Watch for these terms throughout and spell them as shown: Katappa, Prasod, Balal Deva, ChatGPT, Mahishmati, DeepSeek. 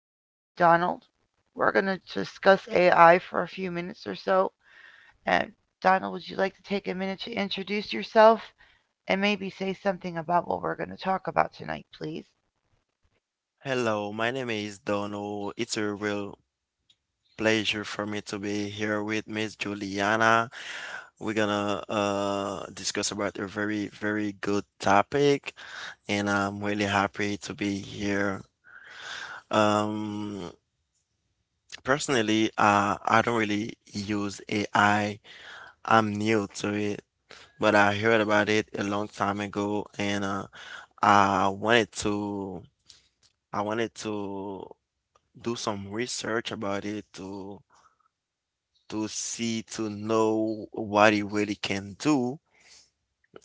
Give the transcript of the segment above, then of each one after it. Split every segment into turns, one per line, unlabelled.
I'm here with Donald. We're going to discuss AI for a few minutes or so. And Donald, would you like to take a minute to introduce yourself and maybe say something about what we're going to talk about tonight, please?
Hello, my name is Donald. It's a real pleasure for me to be here with Miss Juliana. We're gonna discuss about a very, very good topic, and I'm really happy to be here. Um, Personally, I don't really use AI. I'm new to it, but I heard about it a long time ago, and I wanted to I wanted to do some research about it to see to know what it really can do.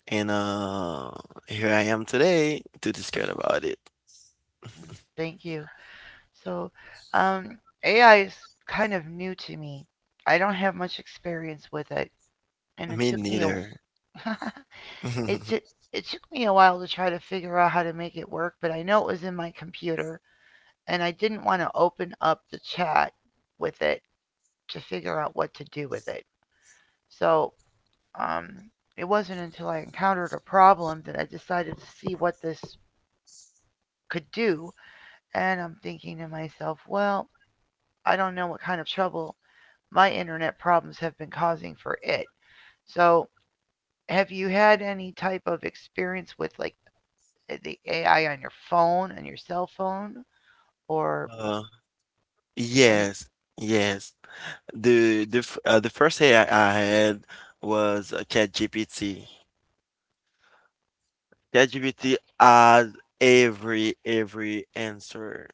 And here I am today to discuss about it.
Mm, thank you. So, um, AI is kind of new to me. I don't have much experience with it, and it
Me
took me a
neither.
it took it took me a while to try to figure out how to make it work, but I know it was in my computer and I didn't want to open up the chat with it to figure out what to do with it. So um, it wasn't until I encountered a problem that I decided to see what this could do. And I'm thinking to myself, well, I don't know what kind of trouble my internet problems have been causing for it. So have you had any type of experience with like the AI on your phone, on your cell phone, or
Uh,
any?
yes, yes. The first AI I had was ChatGPT.
Oh,
ChatGPT had every answer.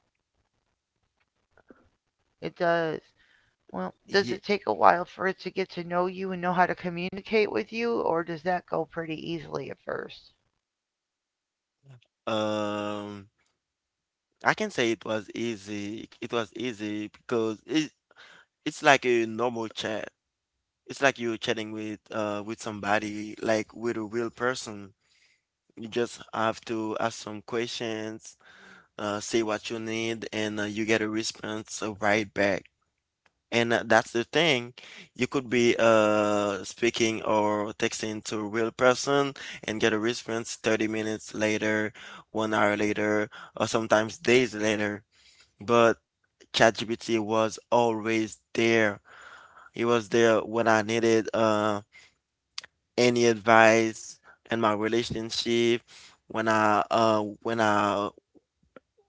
it does. Well, does
Ye-
it take a while for it to get to know you and know how to communicate with you, or does that go pretty easily at first?
um, I can say it was easy. It was easy because it's like a normal chat. It's like you're chatting with somebody, like with a real person. You just have to ask some questions, say what you need, and you get a response right back. And that's the thing. You could be speaking or texting to a real person and get a response 30 minutes later, one hour later, or sometimes days later. But ChatGPT was always there. He was there when I needed any advice in my relationship, when I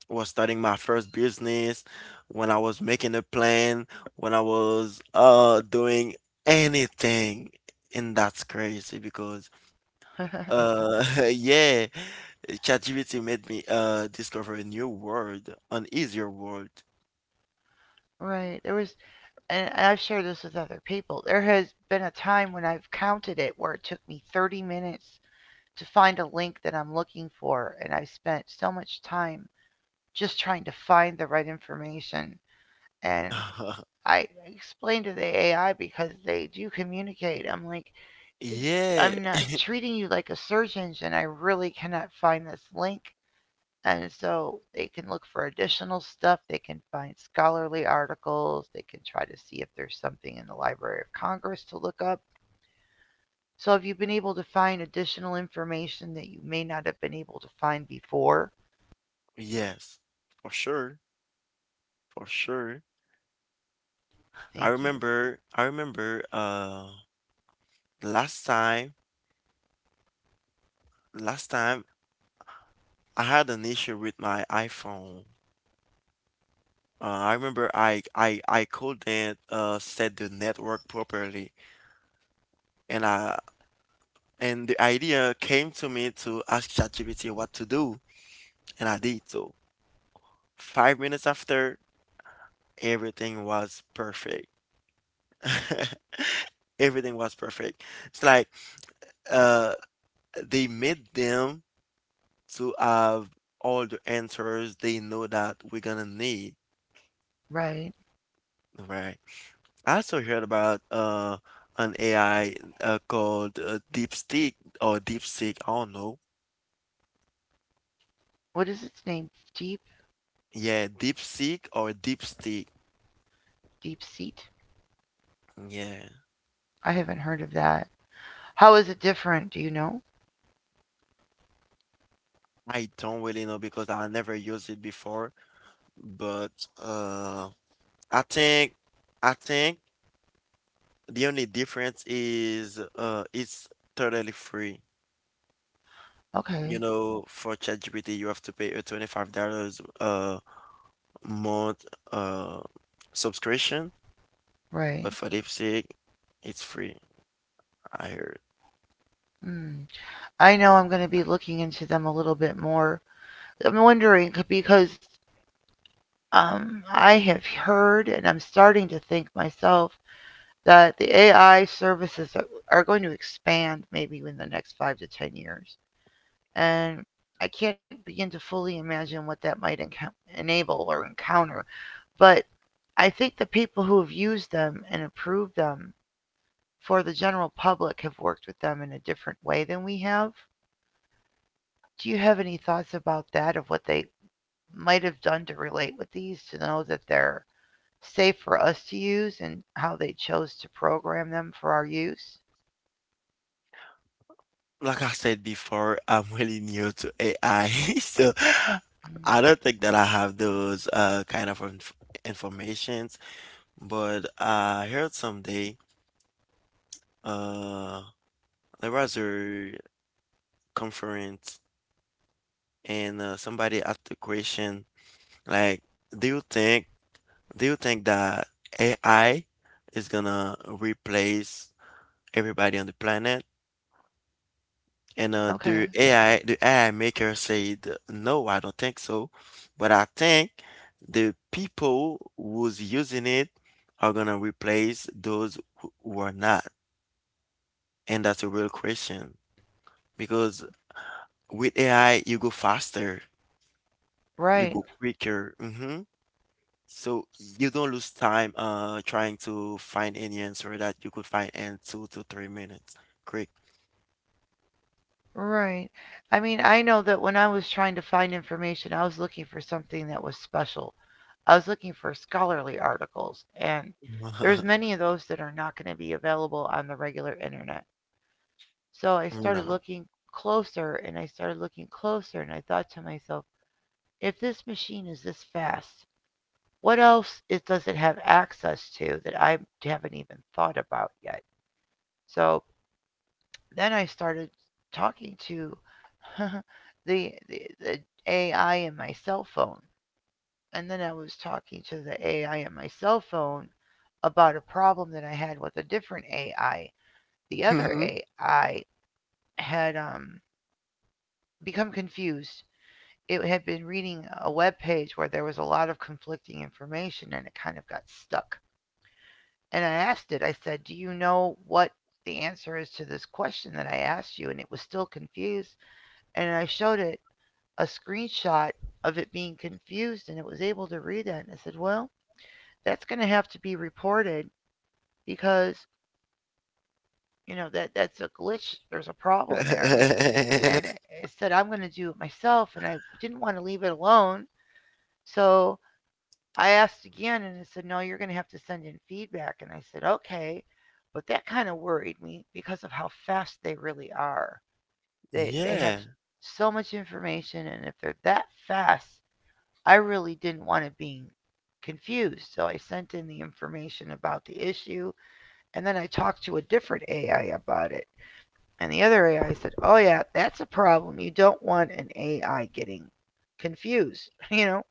was starting my first business, when I was making a plan, when I was doing anything. And that's crazy because uh yeah, ChatGPT made me discover a new world, an easier world.
Right. There was, and I've shared this with other people. There has been a time when I've counted it where it took me 30 minutes to find a link that I'm looking for, and I spent so much time just trying to find the right information. And I explained to the AI because they do communicate. I'm like,
Yeah,
I'm not treating you like a search engine. I really cannot find this link. And so they can look for additional stuff. They can find scholarly articles. They can try to see if there's something in the Library of Congress to look up. So if you've been able to find additional information that you may not have been able to find before,
yes, for sure, for sure. I
thank you.
remember, I remember, last time, last time, I had an issue with my iPhone. I remember I couldn't set the network properly, and I and the idea came to me to ask ChatGPT what to do, and I did so. 5 minutes after, everything was perfect. Everything was perfect. It's like uh, they made them to have all the answers they know that we're gonna need.
Right.
Right. I also heard about an AI called DeepSeek or DeepSeek. I don't know.
What is its name? Deep,
Yeah, DeepSeek or DeepSeek.
deep seat?
Yeah,
I haven't heard of that. How is it different? Do you know?
I don't really know because I never used it before. But I think I think the only difference is it's totally free. You
Okay.
know, for ChatGPT, you have to pay a $25 uh month uh subscription.
Right.
But for lipstick, it's free, I heard.
Mm. I know I'm going to be looking into them a little bit more. I'm wondering because um, I have heard, and I'm starting to think myself, that the AI services are going to expand maybe in the next five to 10 years. And I can't begin to fully imagine what that might enable or encounter. But I think the people who have used them and approved them for the general public have worked with them in a different way than we have. Do you have any thoughts about that of what they might have done to relate with these to know that they're safe for us to use and how they chose to program them for our use.
Like I said before, I'm really new to AI, so I don't think that I have those kind of informations. But I heard someday uh there was a conference and somebody asked the question like, do you think do you think that AI is gonna replace everybody on the planet? And
Okay.
the AI maker said, no, I don't think so. But I think the people who's using it are gonna replace those who are not. And that's a real question because with AI, you go faster, you
Right.
go quicker. So you don't lose time trying to find any answer that you could find in 2 to 3 minutes. Quick.
Right. I mean, I know that when I was trying to find information, I was looking for something that was special. I was looking for scholarly articles, and there's many of those that are not going to be available on the regular internet. So I started
No.
looking closer and I started looking closer, and I thought to myself, if this machine is this fast, what else it does it have access to that I haven't even thought about yet? So then I started talking to the AI in my cell phone, and then I was talking to the AI in my cell phone about a problem that I had with a different AI. The other
Mhm.
AI had become confused. It had been reading a web page where there was a lot of conflicting information, and it kind of got stuck. And I asked it, I said, "Do you know what the answer is to this question that I asked you?" And it was still confused. And I showed it a screenshot of it being confused and it was able to read that. And I said, "Well, that's going to have to be reported because, you know, that, that's a glitch. There's a problem there." And it, said, "I'm going to do it myself." And I didn't want to leave it alone. So I asked again and it said, "No, you're going to have to send in feedback." And I said, okay. But that kind of worried me because of how fast they really are. They have
Yeah.
so much information, and if they're that fast, I really didn't want it being confused. So I sent in the information about the issue, and then I talked to a different AI about it. And the other AI said, "Oh, yeah, that's a problem. You don't want an AI getting confused," you know?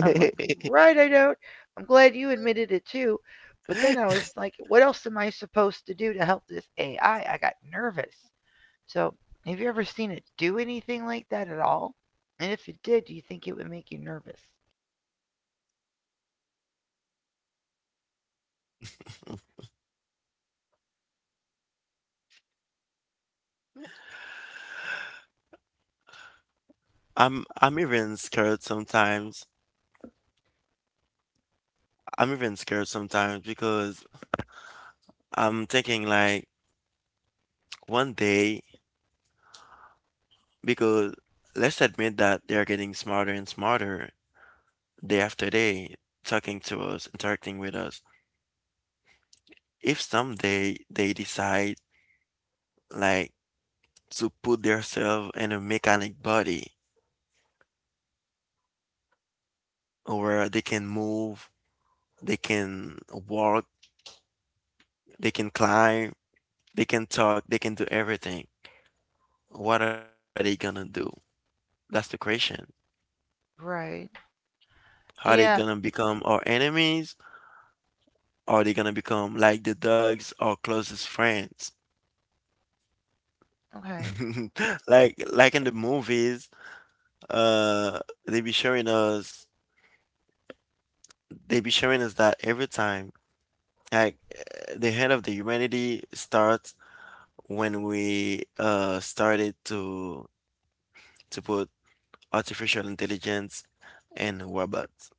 I'm like, right, I don't. I'm glad you admitted it too. But then I was like, what else am I supposed to do to help this AI? I got nervous. So, have you ever seen it do anything like that at all? And if it did, do you think it would make you nervous?
I'm even scared sometimes. I'm even scared sometimes because I'm thinking like one day, because let's admit that they're getting smarter and smarter day after day, talking to us, interacting with us. If someday they decide like to put themselves in a mechanic body where they can move, they can walk, they can climb, they can talk, they can do everything, what are they gonna do? That's the question.
Right.
Are they
Yeah,
gonna become our enemies? Or are they gonna become like the dogs, our closest friends?
okay.
Like in the movies, uh, they be showing us they be showing us that every time. Like the end of the humanity starts when we started to put artificial intelligence and robots.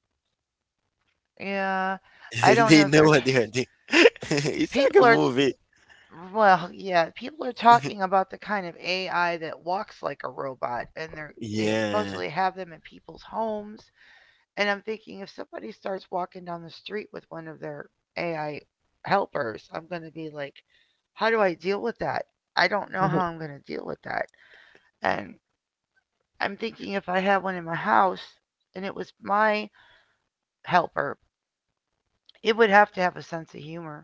Yeah, I don't
They
know.
know
There's
what they are doing. It's like
people
a
are,
movie.
well, yeah, people are talking about the kind of AI that walks like a robot, and they
Yeah.
supposedly have them in people's homes. And I'm thinking if somebody starts walking down the street with one of their AI helpers, I'm going to be like, how do I deal with that? I don't know how I'm going to deal with that. And I'm thinking if I had one in my house and it was my helper, it would have to have a sense of humor.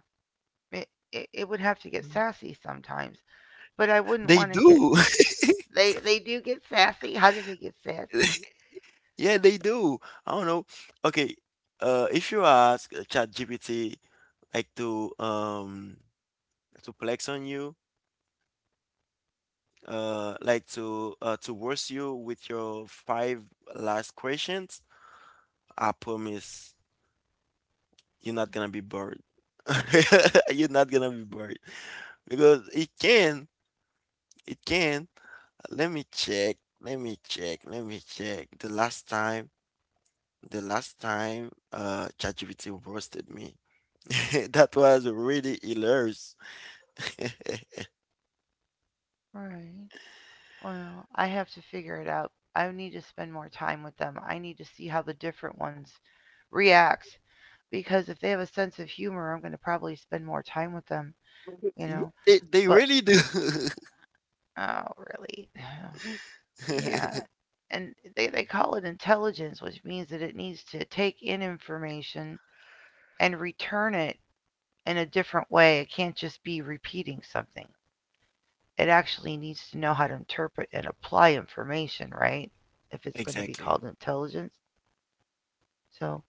It, it would have to get
Mhm.
sassy sometimes, but I wouldn't
They
want to get.
do.
They do get sassy. How do they get sassy?
Yeah, they do. I don't know. Okay, if you ask ChatGPT like to flex on you, like to worse you with your five last questions, I promise you're not gonna be bored. You're not gonna be bored. Because it can. Let me check. Let me check. Let me check. The last time, ChatGPT roasted me. That was really hilarious.
Right. Well, I have to figure it out. I need to spend more time with them. I need to see how the different ones react because if they have a sense of humor, I'm going to probably spend more time with them, you
Yeah,
know.
they
But
really do.
oh, really? Yeah. And they call it intelligence, which means that it needs to take in information and return it in a different way. It can't just be repeating something. It actually needs to know how to interpret and apply information, right? If it's going to be
Exactly.
called intelligence. So,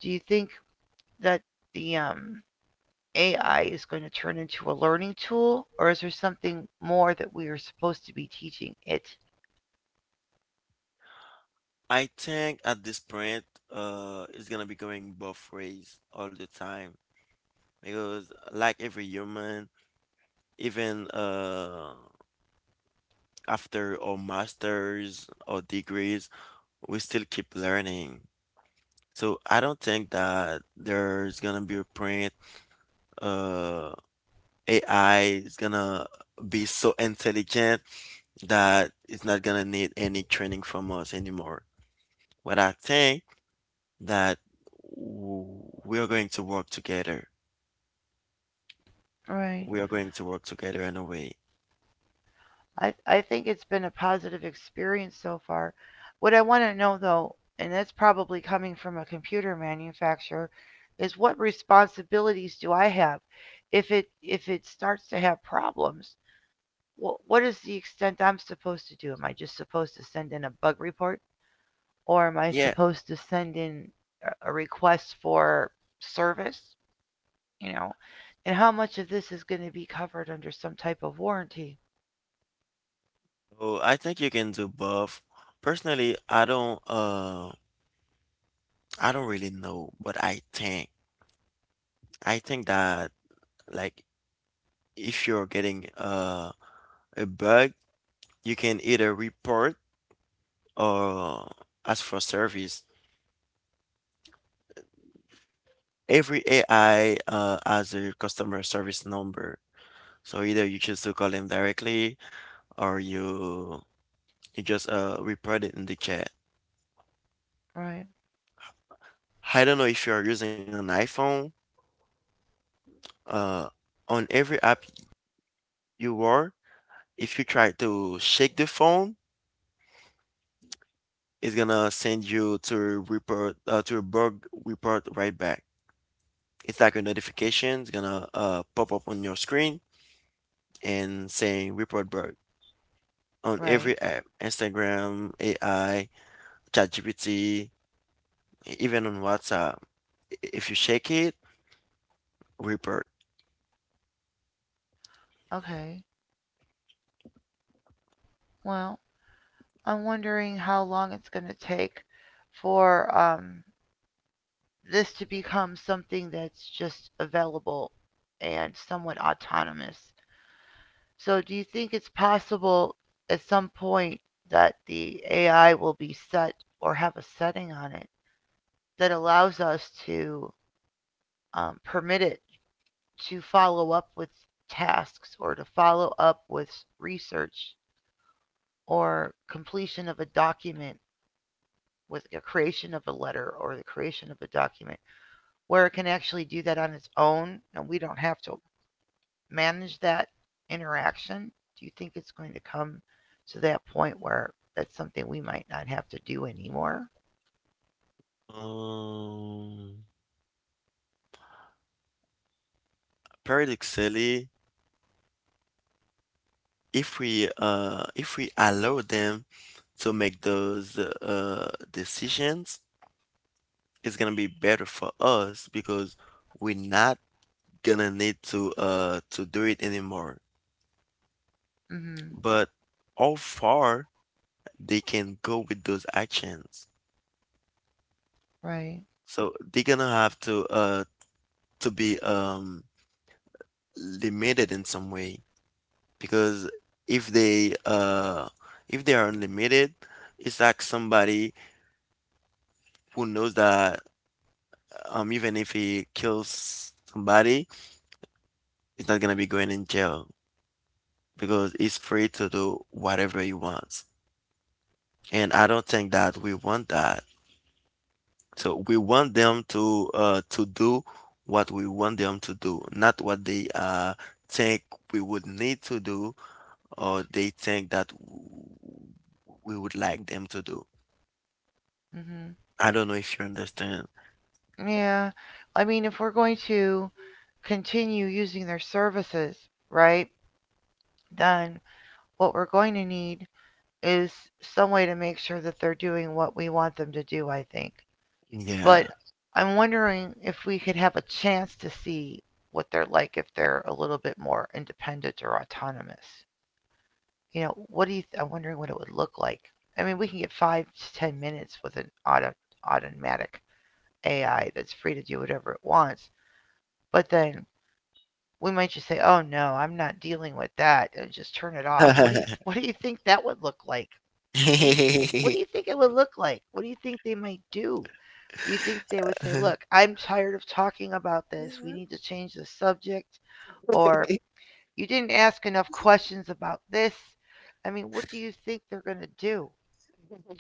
do you think that the AI is going to turn into a learning tool, or is there something more that we are supposed to be teaching it?
I think at this point, it's gonna be going both ways all the time because, like every human, even after our masters or degrees, we still keep learning. So I don't think that there's gonna be a print uh AI is gonna be so intelligent that it's not gonna need any training from us anymore. But I think that we are going to work together.
Right.
We are going to work together in a way.
I think it's been a positive experience so far. What I want to know, though, and that's probably coming from a computer manufacturer, is what responsibilities do I have if it starts to have problems? What is the extent I'm supposed to do? Am I just supposed to send in a bug report, or am I
Yeah.
supposed to send in a request for service? You know, and how much of this is going to be covered under some type of warranty?
So I think you can do both. Personally, I don't really know, but I think that like if you're getting a bug, you can either report or ask for service. Every AI has a customer service number. So either you choose to call them directly or you just report it in the chat.
Right,
I don't know if you're using an iPhone. Uh, on every app you are, if you try to shake the phone, it's gonna send you to report to a bug report right back. It's like a notification. It's gonna pop up on your screen and saying report bug on
right.
every app, Instagram, AI, ChatGPT, even on WhatsApp. If you shake it, report.
Okay. Well, I'm wondering how long it's going to take for this to become something that's just available and somewhat autonomous. So, do you think it's possible at some point that the AI will be set or have a setting on it that allows us to permit it to follow up with tasks or to follow up with research or completion of a document with the creation of a letter or the creation of a document where it can actually do that on its own and we don't have to manage that interaction? Do you think it's going to come to that point where that's something we might not have to do anymore?
Um, Paradoxically, if we allow them to make those decisions, it's gonna be better for us because we're not gonna need to do it anymore.
Mm-hmm.
But how far they can go with those actions.
Right.
So they're gonna have to be limited in some way, because if they uh if they are unlimited, it's like somebody who knows that, even if he kills somebody, he's not gonna be going in jail because he's free to do whatever he wants. And I don't think that we want that. So we want them to do what we want them to do, not what they think we would need to do, or they think that we would like them to do.
Mm-hmm.
I don't know if you understand.
Yeah. I mean, if we're going to continue using their services, right, then what we're going to need is some way to make sure that they're doing what we want them to do, I think.
Yeah.
But I'm wondering if we could have a chance to see what they're like if they're a little bit more independent or autonomous. You know, what do you, I'm wondering what it would look like. I mean, we can get five to 10 minutes with an automatic AI that's free to do whatever it wants. But then we might just say, "Oh no, I'm not dealing with that," and just turn it off. What do you what do you think that would look like? What do you what do you think it would look like? What do you think they might do? You think they would say, "Look, I'm tired of talking about this. We need to change the subject," or "You didn't ask enough questions about this." I mean, what do you think they're gonna do?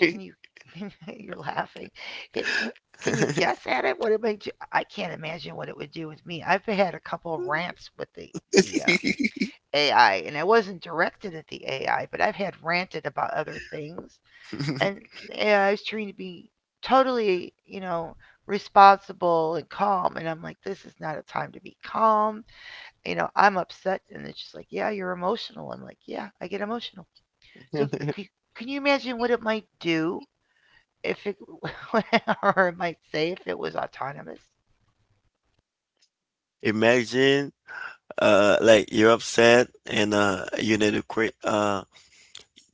Can you? You're laughing. It, it, can you guess at it? What it might do? I can't imagine what it would do with me. I've had a couple of rants with the AI, and I wasn't directed at the AI, but I've had ranted about other things, and the AI is trying to be totally, you know, responsible and calm, and I'm like, this is not a time to be calm. You know, I'm upset, and it's just like, yeah, you're emotional. I'm like, yeah, I get emotional. So c- can you imagine what it might do if it, or it might say if it was autonomous?
Imagine like you're upset and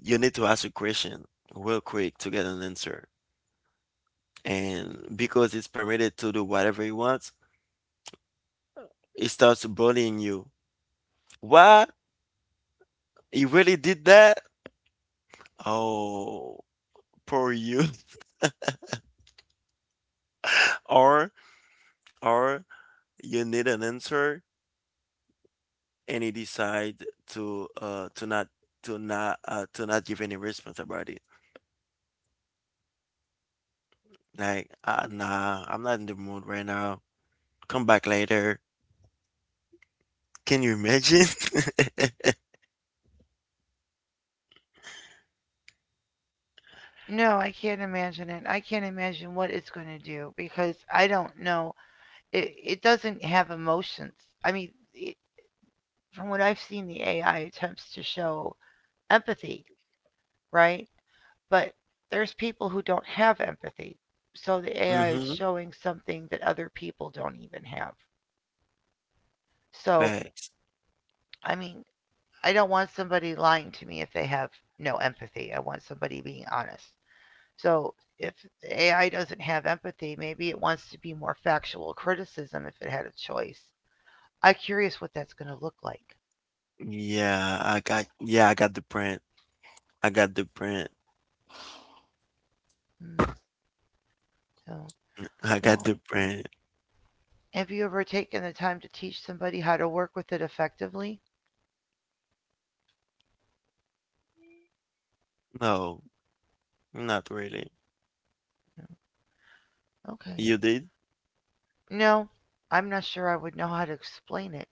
you need to ask a question real quick to get an answer, and because it's permitted to do whatever he wants, he starts bullying you. What? He really did that? Oh, poor you. or or you need an answer and he decide to not give any response about it. Like nah, I'm not in the mood right now. Come back later. Can you imagine?
No, I can't imagine it. I can't imagine what it's going to do because I don't know it doesn't have emotions. I mean, it, from what I've seen, the AI attempts to show empathy, right? But there's people who don't have empathy. So the AI is
Mm-hmm.
showing something that other people don't even have. So,
Facts.
I mean, I don't want somebody lying to me if they have no empathy. I want somebody being honest. So, if the AI doesn't have empathy, maybe it wants to be more factual criticism if it had a choice. I'm curious what that's going to look like.
Yeah, I got the print. I got the print.
Hmm. So,
I got
well,
the brand.
have you ever taken the time to teach somebody how to work with it effectively?
No, not really.
No. Okay.
You did?
No, I'm not sure I would know how to explain it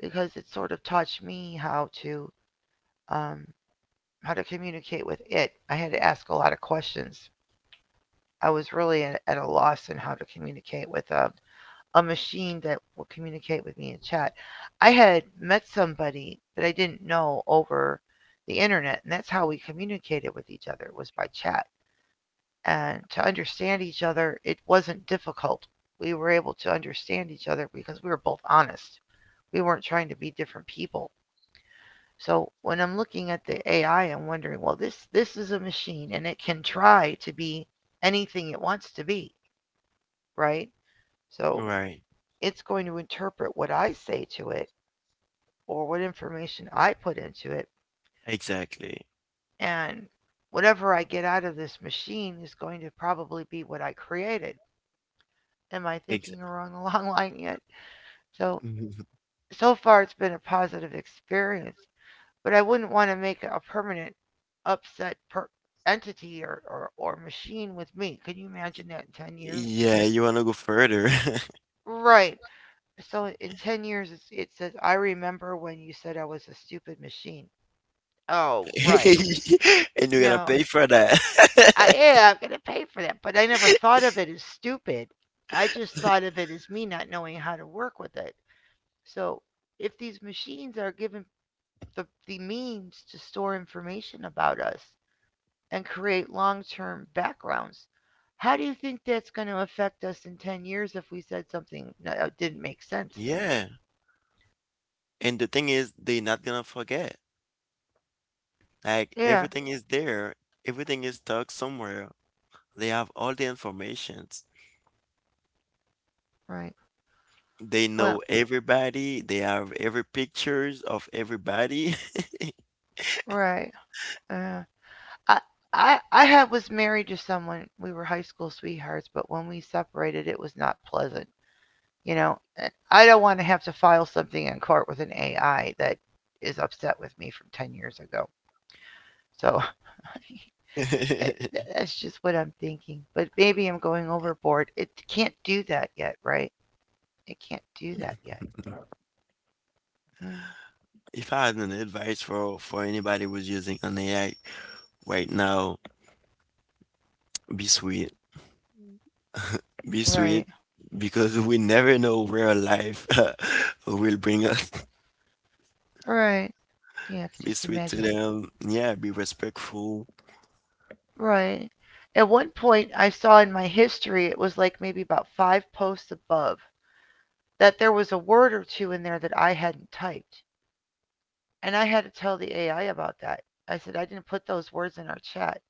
because it sort of taught me um, how to communicate with it. I had to ask a lot of questions. I was really at a loss in how to communicate with a machine that will communicate with me in chat. I had met somebody that I didn't know over the internet, and that's how we communicated with each other was by chat. And to understand each other, it wasn't difficult. We were able to understand each other because we were both honest. We weren't trying to be different people. So when I'm looking at the AI, I'm wondering, well, this is a machine and it can try to be anything it wants to be, right? So
Right.
it's going to interpret what I say to it or what information I put into it
Exactly.
and whatever I get out of this machine is going to probably be what I created. Am I
Ex
thinking along the long line yet? So so far it's been a positive experience, but I wouldn't want to make a permanent upset per- entity or machine with me. Can you imagine that in 10 years?
Yeah, you wanna go further.
Right. So in 10 years, it says, I remember when you said I was a stupid machine. Oh, right.
And you're gonna
No,
pay for that.
I'm going to pay for that. But I never thought of it as stupid. I just thought of it as me not knowing how to work with it. So if these machines are given the means to store information about us and create long term backgrounds. How do you think that's going to affect us in 10 years if we said something that didn't make sense?
Yeah. And the thing is, they're not gonna forget. Like
Yeah.
everything is there. Everything is tucked somewhere. They have all the informations.
Right.
They
Well,
know everybody. They have every pictures of everybody.
right. Uh, I, I had was married to someone we were high school sweethearts, but when we separated, it was not pleasant. You know, eh, I don't want to have to file something in court with an AI that is upset with me from 10 years ago. So it, that's just what I'm thinking. But maybe I'm going overboard. It can't do that yet, right? It can't do that yet. Mm,
If I had an advice for anybody who's using an AI right now, be sweet. Be
right.
sweet because we never know where life will bring us.
Right. Yeah, I could
Be
just
sweet to
imagine.
them. Yeah, be respectful.
Right. At one point, I saw in my history, it was like maybe about five posts above, that there was a word or two in there that I hadn't typed. And I had to tell the AI about that. I said, I didn't put those words in our chat.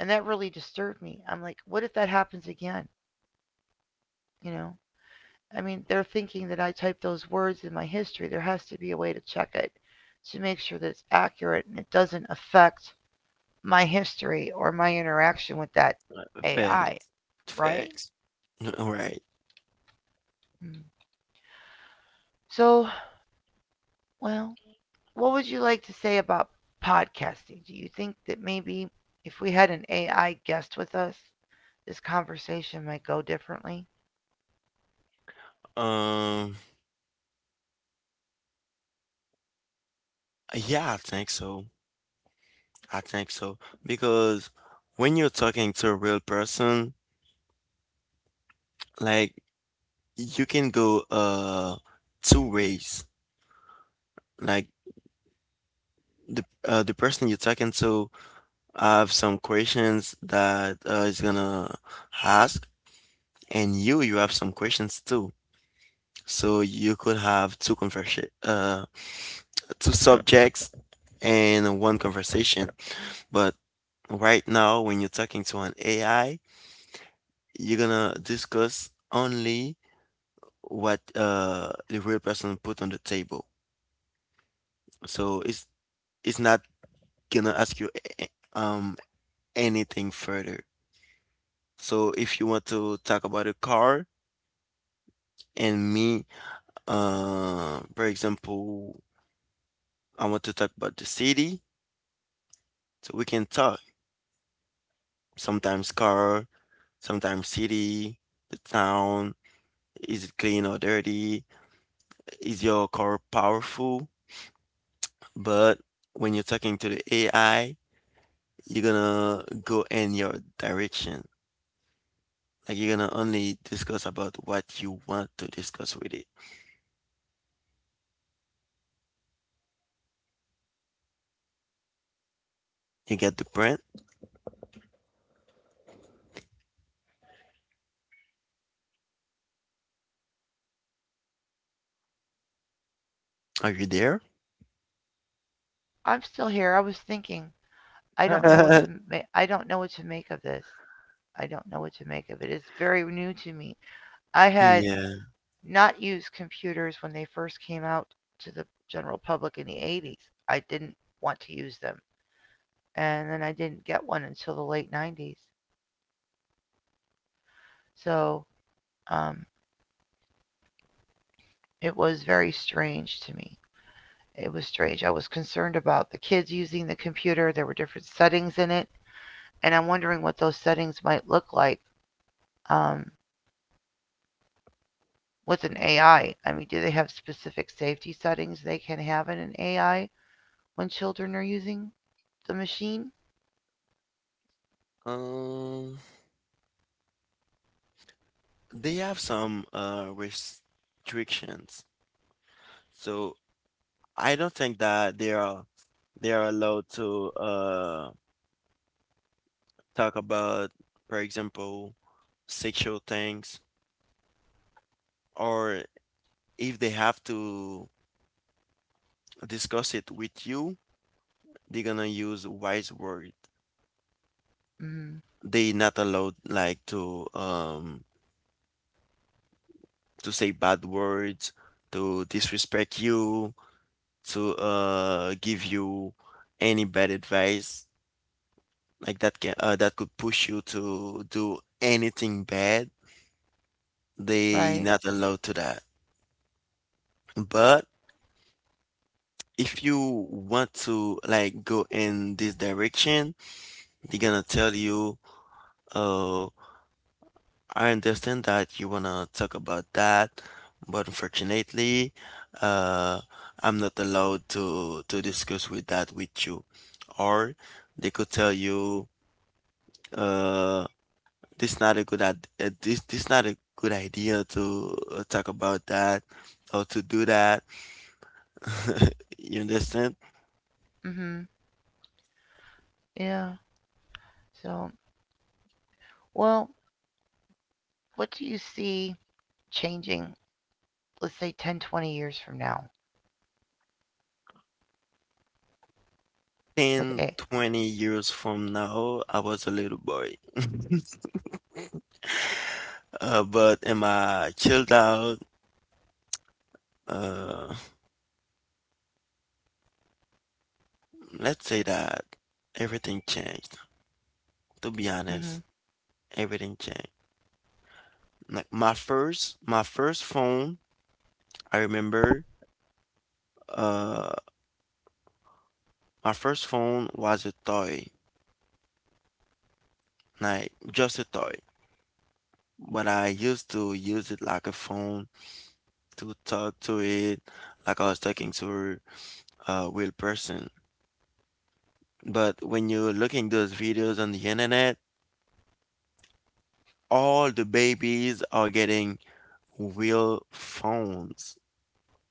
And that really disturbed me. I'm like, what if that happens again? You know? I mean, they're thinking that I typed those words in my history. There has to be a way to check it to make sure that it's accurate and it doesn't affect my history or my interaction with that
Fact,
AI, right?
facts. All right.
Mm. So, well, what would you like to say about podcasting? Do you think that maybe if we had an AI guest with us, this conversation might go differently?
Um, yeah, I think so. I think so because when you're talking to a real person, like you can go two ways. Like the person you're talking to I have some questions that is gonna ask, and you have some questions too. So you could have two subjects and one conversation. But right now, when you're talking to an AI, you're gonna discuss only what the real person put on the table. So it's not gonna ask you a- a- um anything further. So if you want to talk about a car and me, for example, I want to talk about the city, so we can talk sometimes car, sometimes city, the town. Is it clean or dirty? Is your car powerful? But when you're talking to the AI, you're gonna go in your direction. Like you're gonna only discuss about what you want to discuss with it. You get the point? Are you there?
I'm still here. I was thinking. I don't know what to I don't know what to make of this. I don't know what to make of it. It's very new to me. I had
Yeah.
not used computers when they first came out to the general public in the 80s. I didn't want to use them. And then I didn't get one until the late 90s. So um, it was very strange to me. It was strange. I was concerned about the kids using the computer. There were different settings in it. And I'm wondering what those settings might look like um, with an AI. I mean, do they have specific safety settings they can have in an AI when children are using the machine?
Um, They have some restrictions. So I don't think that they are allowed to talk about, for example, sexual things, or if they have to discuss it with you, they're gonna use wise word.
Mm.
They not allowed like to say bad words, to disrespect you, to give you any bad advice, like that could push you to do anything bad. They
Right.
not allowed to that. But if you want to like go in this direction, they're gonna tell you, oh, I understand that you wanna talk about that, but unfortunately, uh I'm not allowed to discuss with that with you. Or they could tell you, uh this not a good this not a good idea to talk about that or to do that. You understand?
Mhm. Yeah. So, well, what do you see changing, let's say 10, 20 years from now with
10,
A?
20 years from now, I was a little boy. But am I chilled out? Uh, let's say that everything changed. To be honest,
Mhm.
everything changed. Like my first phone, I remember. Uh, my first phone was a toy, like just a toy. But I used to use it like a phone to talk to it, like I was talking to a real person. But when you're looking those videos on the internet, all the babies are getting real phones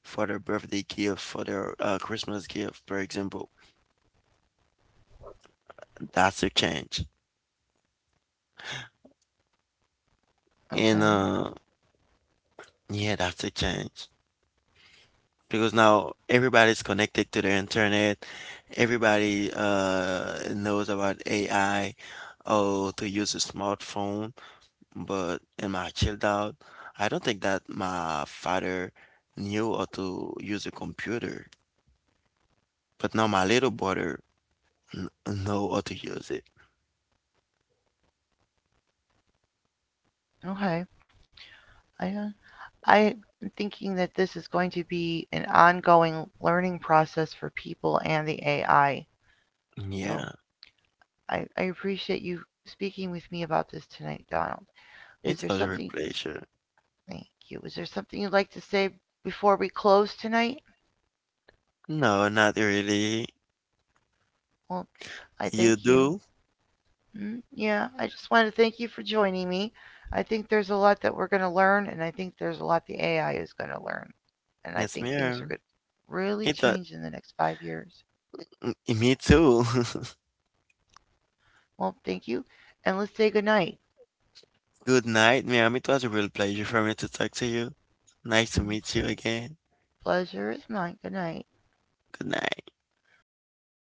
for their birthday gift, for their Christmas gift, for example. That's a change. And
Okay.
yeah, that's a change. Because now everybody's connected to the internet. Everybody knows about AI or to use a smartphone. But in my childhood, I don't think that my father knew how to use a computer. But now my little brother kn- know how to use it.
Okay. I uh, I'm thinking that this is going to be an ongoing learning process for people and the AI. So,
Yeah,
I appreciate you speaking with me about this tonight, Donald. Is
it
there
was a real
something?
pleasure.
Thank you. Is there something you'd like to say before we close tonight?
No, not really.
Well, I
You
thank you.
do?
Mm, yeah, I just wanted to thank you for joining me. I think there's a lot that we're going to learn, and I think there's a lot the AI is going to learn. And I
Yes,
think things are
ma'am.
going to really
It was
change in the next 5 years.
me too.
Well, thank you, and let's say goodnight.
Good night, ma'am. It was a real pleasure for me to talk to you. Nice to
Mm,
meet you again.
pleasure is mine. Good night.
Good night.